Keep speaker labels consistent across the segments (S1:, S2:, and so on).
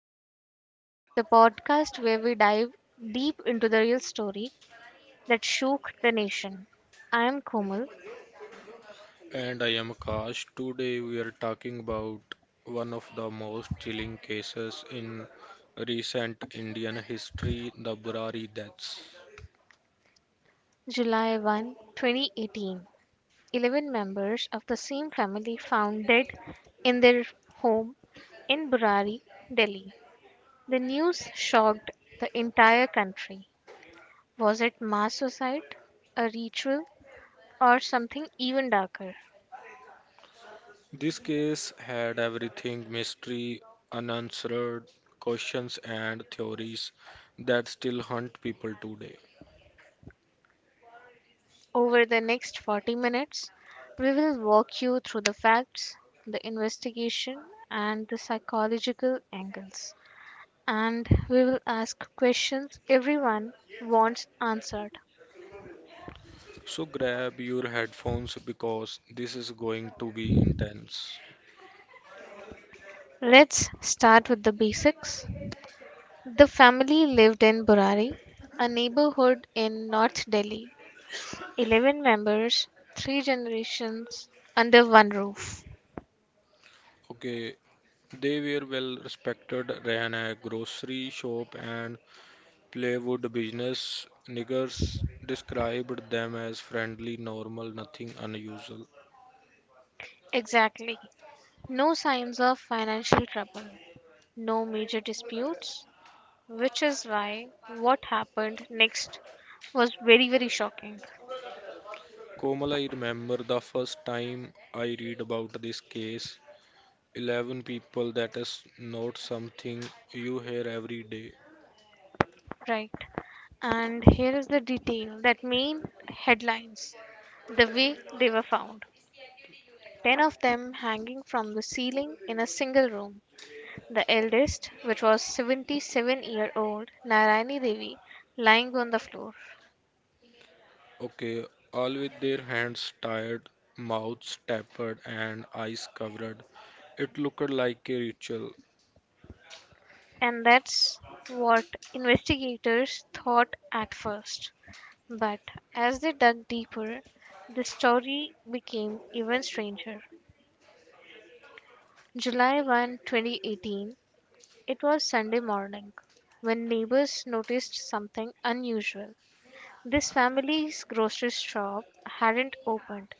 S1: Investigation, the podcast where we dive deep into the real story that shook the nation. I am Komal.
S2: And I am Akash. Today we are talking about one of the most chilling cases in recent Indian history, the Burari deaths.
S1: July 1, 2018. 11 members of the same family found dead in their home in Burari, Delhi. The news shocked the entire country. Was it mass suicide, a ritual, or something even darker?
S2: This case had everything mystery, unanswered questions, and theories that still haunt people today.
S1: Over the next 40 minutes, we will walk you through the facts, the investigation, and the psychological angles. And we will ask questions everyone wants answered.
S2: So grab your headphones because this is going to be intense.
S1: Let's start with the basics. The family lived in Burari, a neighborhood in North Delhi. 11 members, 3 generations, under one roof.
S2: Okay, they were well respected, ran a grocery shop, and Plywood business niggers described them as friendly, normal, nothing unusual.
S1: Exactly. No signs of financial trouble. No major disputes, which is why what happened next was very shocking.
S2: Komal, I remember the first time I read about this case. 11 people, that is not something you hear every day.
S1: Right. And here is the detail that main headlines, the way they were found. Ten of them hanging from the ceiling in a single room. The eldest, which was 77-year-old Narayani Devi, lying on the floor.
S2: Okay, all with their hands tied, mouths tapered, and eyes covered. It looked like a ritual.
S1: And that's what investigators thought at first. But as they dug deeper, the story became even stranger. July 1, 2018, it was Sunday morning when neighbors noticed something unusual. This family's grocery shop hadn't opened.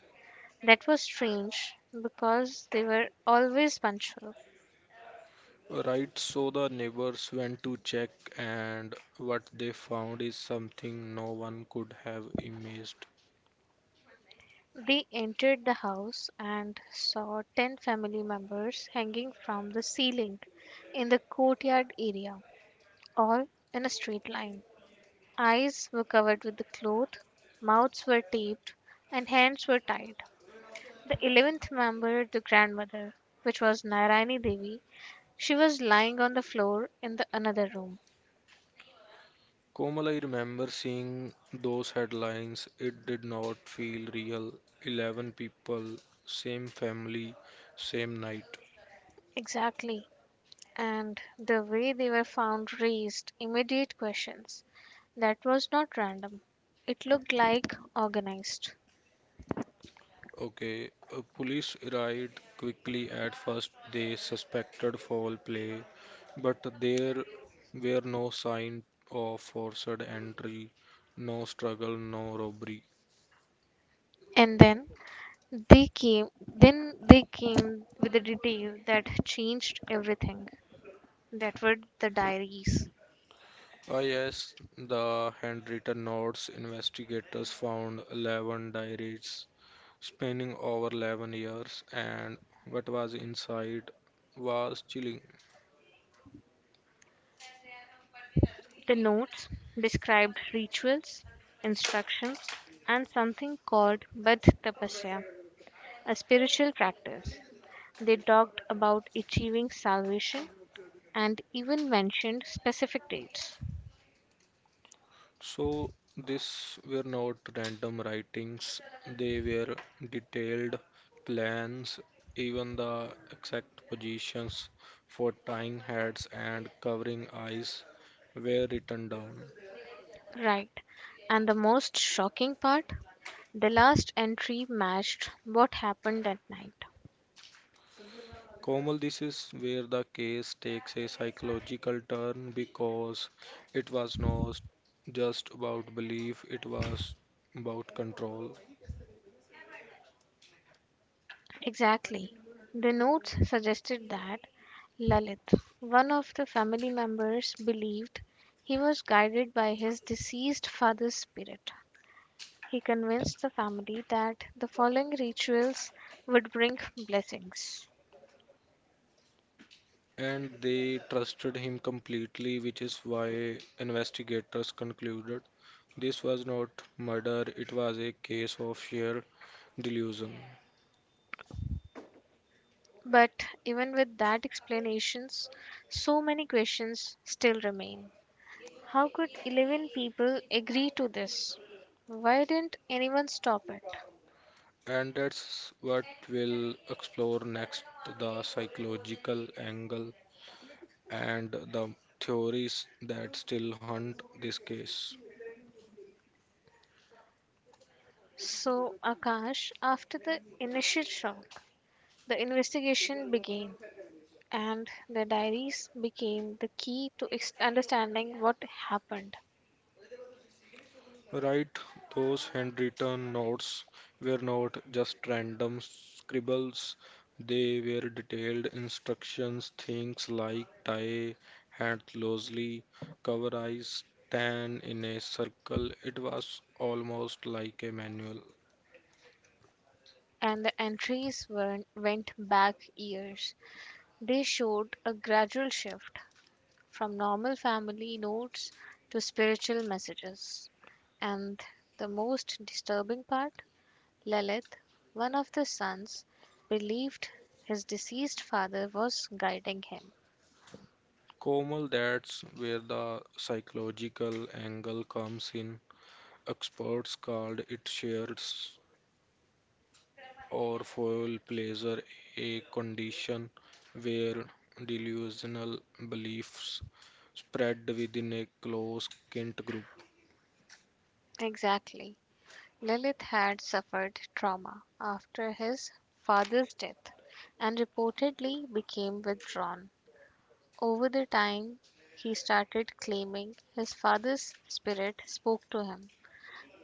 S1: That was strange because they were always punctual.
S2: Right, so the neighbors went to check, and what they found is something no one could have imagined.
S1: They entered the house and saw 10 family members hanging from the ceiling in the courtyard area, all in a straight line. Eyes were covered with the cloth, mouths were taped, and hands were tied. The 11th member, the grandmother, which was Nairani Devi, she was lying on the floor in the another room.
S2: Komal, I remember seeing those headlines. It did not feel real. 11 people, same family, same night.
S1: Exactly. And the way they were found raised immediate questions. That was not random. It looked like organized.
S2: Okay, police arrived quickly at first. They suspected foul play, but there were no sign of forced entry, no struggle, no robbery.
S1: And then they came then they came with a detail that changed everything. That were the diaries.
S2: Oh, yes, the handwritten notes investigators found 11 diaries spanning over 11 years, and what was inside was chilling.
S1: The notes described rituals, instructions, and something called Bad Tapasya, a spiritual practice. They talked about achieving salvation and even mentioned specific dates.
S2: So, these were not random writings, they were detailed plans, even the exact positions for tying heads and covering eyes were written down.
S1: Right. And the most shocking part? The last entry matched what happened that night.
S2: Komal, this is where the case takes a psychological turn because it was not just about belief, it was about control.
S1: Exactly. The notes suggested that Lalit, one of the family members, believed he was guided by his deceased father's spirit. He convinced the family that the following rituals would bring blessings.
S2: And they trusted him completely, which is why investigators concluded this was not murder, it was a case of sheer delusion.
S1: But even with that explanations, so many questions still remain. How could 11 people agree to this? Why didn't anyone stop it?
S2: And that's what we'll explore next, the psychological angle and the theories that still haunt this case.
S1: So, Akash, after the initial shock, the investigation began and the diaries became the key to understanding what happened.
S2: Right, those handwritten notes were not just random scribbles, they were detailed instructions, things like tie hand closely, cover eyes, stand in a circle. It was almost like a manual.
S1: And the entries were, went back years. They showed a gradual shift from normal family notes to spiritual messages. And the most disturbing part, Lilith, one of the sons, believed his deceased father was guiding him.
S2: Komal, that's where the psychological angle comes in. Experts called it or foul pleasure, a condition where delusional beliefs spread within a close kin group.
S1: Exactly. Lilith had suffered trauma after his father's death and reportedly became withdrawn. Over the time, he started claiming his father's spirit spoke to him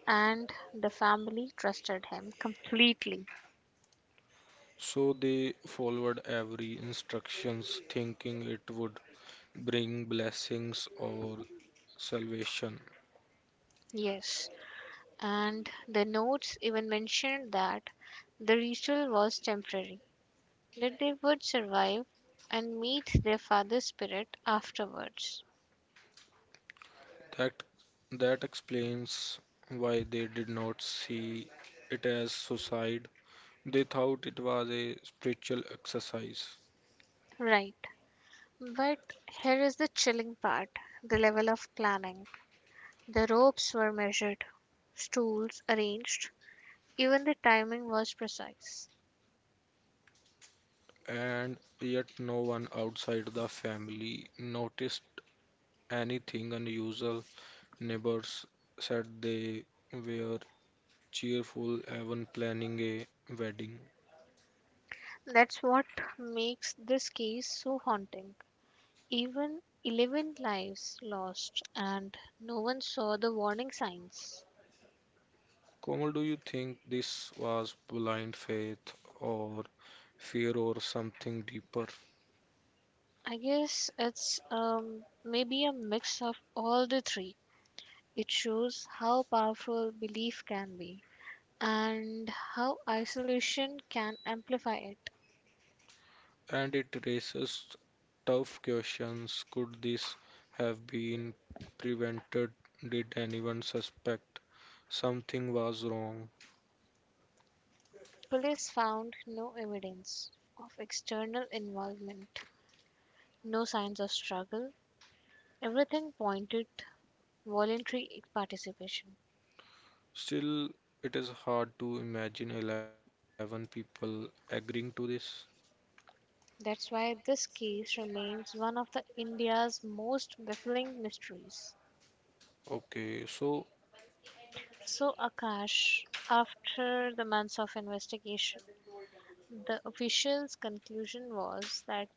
S1: and the family trusted him completely.
S2: So they followed every instructions thinking it would bring blessings or salvation.
S1: Yes, and the notes even mentioned that the ritual was temporary, that they would survive and meet their father's spirit afterwards.
S2: That that explains why they did not see it as suicide. They thought it was a spiritual exercise.
S1: Right, but here is the chilling part, the level of planning. The ropes were measured, stools arranged, even the timing was precise.
S2: And yet no one outside the family noticed anything unusual. Neighbors said they were cheerful, even planning a wedding.
S1: That's what makes this case so haunting. Even 11 lives lost and no one saw the warning signs.
S2: Komal, do you think this was blind faith or fear or something deeper?
S1: I guess it's maybe a mix of all the three. It shows how powerful belief can be and how isolation can amplify it.
S2: And it raises tough questions. Could this have been prevented? Did anyone suspect something was wrong?
S1: Police found no evidence of external involvement, no signs of struggle. Everything pointed voluntary participation.
S2: Still, it is hard to imagine 11 people agreeing to this.
S1: That's why this case remains one of the India's most baffling mysteries.
S2: Okay, so
S1: So Akash, after the months of investigation, the official's conclusion was that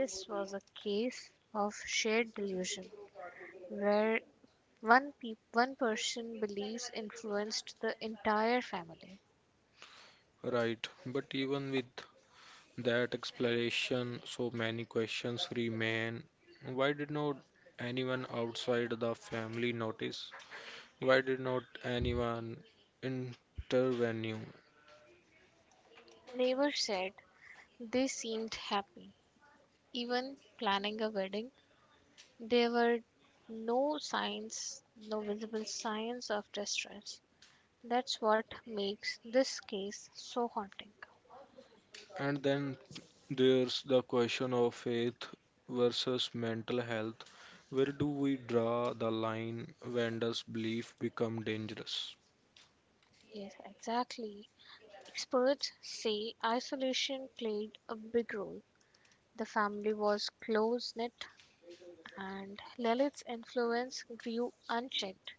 S1: this was a case of shared delusion where one person believes influenced the entire family.
S2: right, but even with that explanation, so many questions remain. Why did not anyone outside the family notice? Why did not anyone intervene?
S1: Neighbors said they seemed happy, even planning a wedding. There were no signs, no visible signs of distress. That's what makes this case so haunting.
S2: And then there's the question of faith versus mental health. Where do we draw the line? When does belief become dangerous?
S1: Yes, exactly. Experts say isolation played a big role. The family was close knit, and Lilith's influence grew unchecked.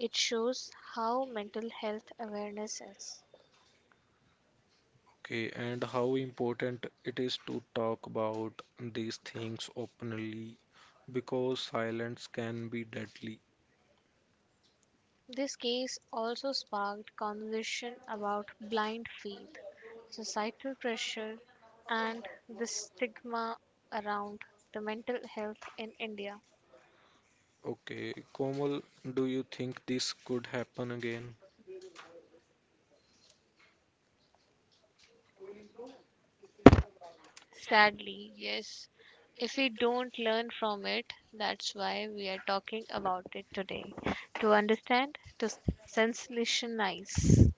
S1: It shows how mental health awareness is.
S2: Okay, and how important it is to talk about these things openly because silence can be deadly.
S1: This case also sparked conversation about blind faith, societal pressure, and the stigma around the mental health in India.
S2: Okay, Komal, do you think this could happen again?
S1: Sadly, yes, if we don't learn from it, that's why we are talking about it today. To understand, to sensationalize.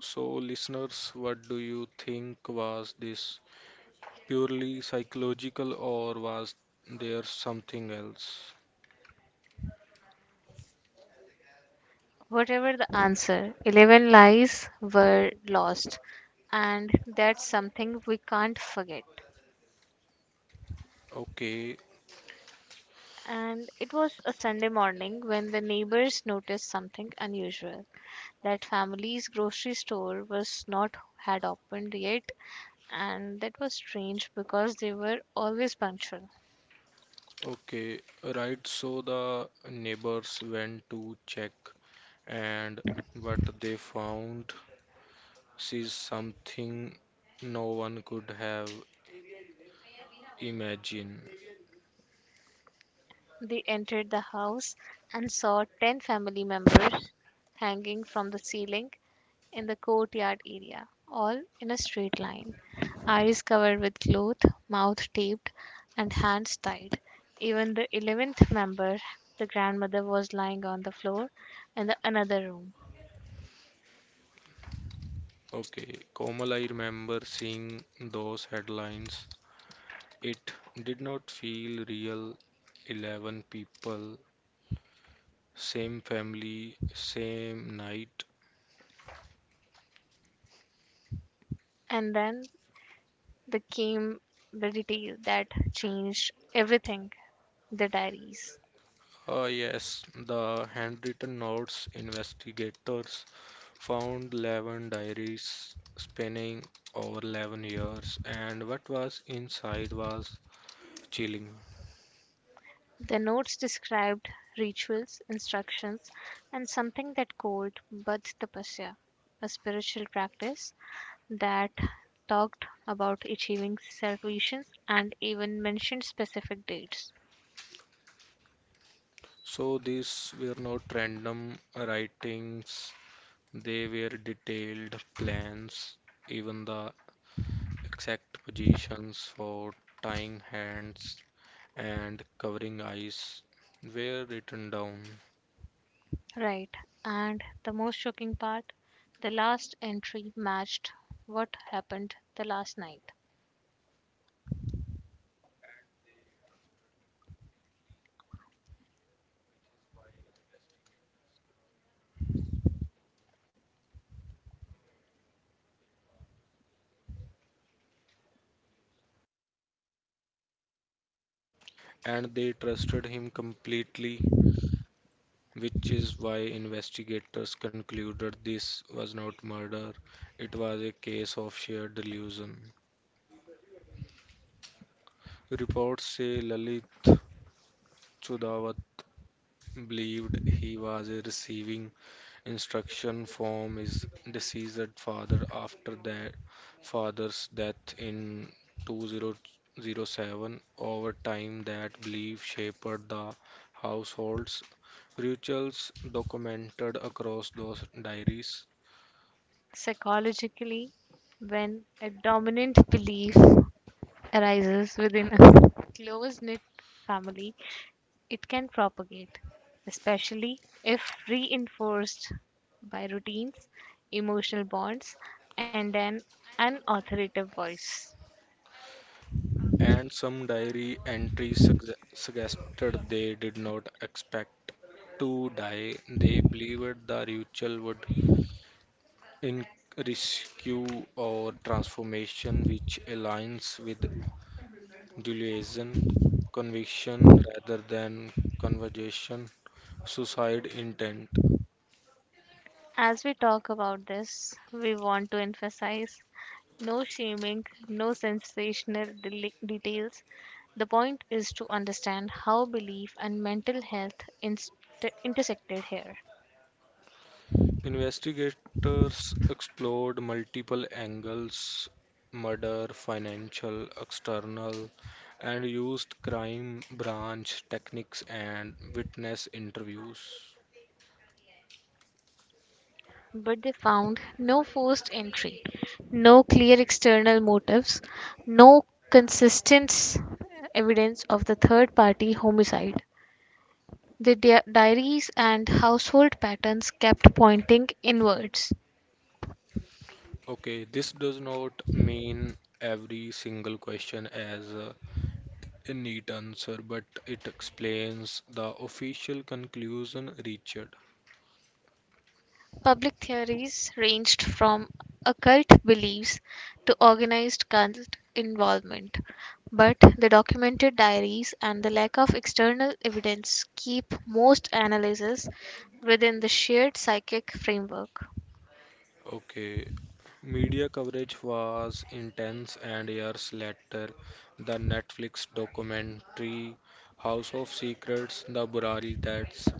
S2: So, listeners, what do you think? Was this purely psychological, or was there something else?
S1: Whatever the answer, 11 lives were lost, and that's something we can't forget.
S2: Okay,
S1: And it was a Sunday morning when the neighbors noticed something unusual. That family's grocery store was not had opened yet, and that was strange because they were always punctual.
S2: okay, right. So the neighbors went to check, and what they found is something no one could have imagined.
S1: They entered the house and saw 10 family members hanging from the ceiling in the courtyard area, all in a straight line. Eyes covered with cloth, mouth taped, and hands tied. Even the 11th member, the grandmother, was lying on the floor in the another room.
S2: Okay, Komal, I remember seeing those headlines. It did not feel real. 11 people, same family, same night.
S1: And then there came the detail that changed everything, the diaries.
S2: Yes, the handwritten notes investigators found 11 diaries spanning over 11 years, and what was inside was chilling.
S1: The notes described rituals, instructions, and something that called Bud Tapasya, a spiritual practice that talked about achieving salvation and even mentioned specific dates.
S2: So, these were not random writings, they were detailed plans, even the exact positions for tying hands and covering eyes were written down,
S1: Right, and the most shocking part, the last entry matched what happened the last night.
S2: and they trusted him completely, which is why investigators concluded this was not murder, it was a case of sheer delusion. Reports say Lalit Chudawat believed he was receiving instruction from his deceased father after that father's death in 2007. Over time, that belief shaped the household's rituals documented across those diaries.
S1: Psychologically, when a dominant belief arises within a close knit family, it can propagate, especially if reinforced by routines, emotional bonds, and an unauthoritative voice.
S2: And some suggested they did not expect to die. They believed the ritual would in rescue or transformation, which aligns with delusion, conviction rather than conversation, suicide intent.
S1: As we talk about this, we want to emphasize no shaming, no details. The point is to understand how belief and intersected here.
S2: Investigators explored multiple angles, murder, financial, external, and used crime branch techniques and witness interviews.
S1: But they found no forced entry, no clear external motives, no consistent evidence of the third party homicide. The diaries and household patterns kept pointing inwards.
S2: Okay, this does not mean every single question as a neat answer, but it explains the official conclusion reached.
S1: Public theories ranged from occult beliefs to organized cult involvement, but the documented diaries and the lack of external evidence keep most analyses within the shared psychic framework.
S2: Okay, media coverage was intense, and years later, the Netflix documentary House of Secrets, The Burari, that's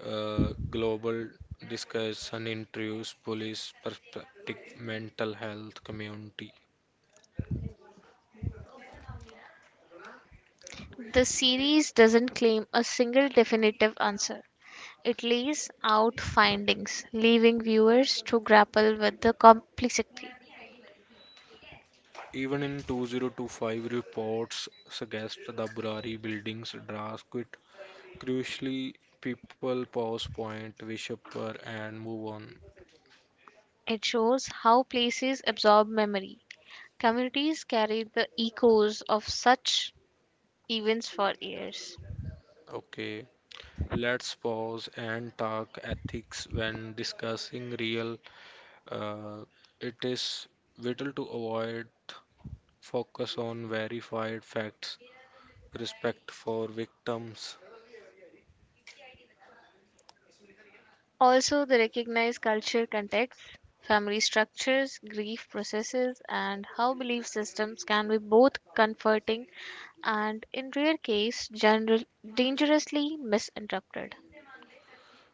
S2: global discussion introduced police perspective, mental health community.
S1: The series doesn't claim a single definitive answer. It lays out findings, leaving viewers to grapple with the complexity.
S2: Even in 2025 reports suggest the Burari buildings drastic. Crucially, people pause, point, wish upper, and move on.
S1: It shows how places absorb memory. Communities carry the echoes of such events for years.
S2: Okay. Let's pause and talk ethics when discussing real. Uh, it is vital to avoid focus on verified facts, respect for victims.
S1: Also, they recognize culture context, family structures, grief processes, and how belief systems can be both comforting and, in rare case, general, dangerously misinterpreted.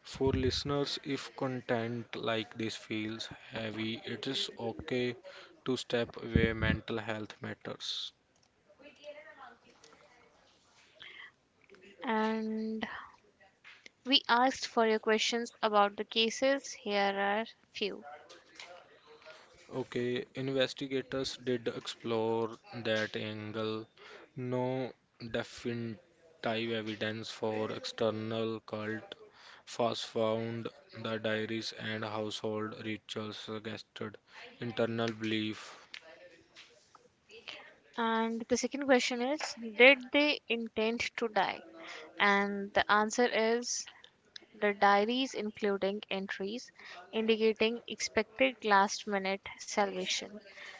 S2: For listeners, if content like this feels heavy, it is okay to step away. Mental health matters.
S1: And we asked for your questions about the cases. Here are few.
S2: Okay, investigators did explore that angle. No definitive evidence for external cult was found. The diaries and household rituals suggested internal belief.
S1: And the second question is, did they intend to die? And the answer is, the diaries, including entries indicating expected last minute salvation,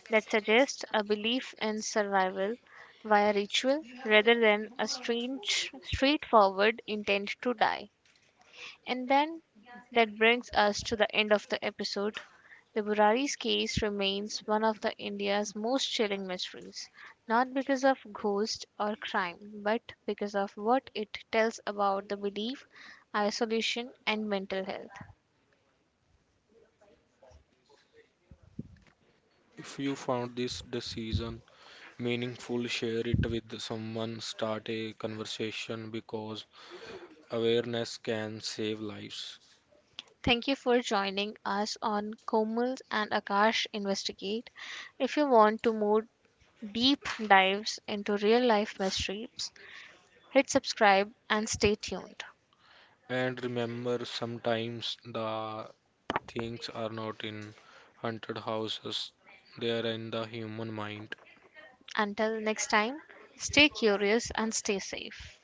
S1: that suggests a belief in survival via ritual rather than a strange, straightforward intent to die. And then that brings us to the end of the episode. The Burari's case remains one of the India's most chilling mysteries, not because of ghost or crime, but because of what it tells about the belief, isolation, and mental health.
S2: If you found this decision meaningful, share it with someone, start a conversation because awareness can save lives.
S1: Thank you for joining us on Komal and Akash Investigate. If you want to more deep dives into real life mysteries, hit subscribe and stay tuned.
S2: And remember, sometimes the things are not in haunted houses, they are in the human mind.
S1: Until next time, stay curious and stay safe.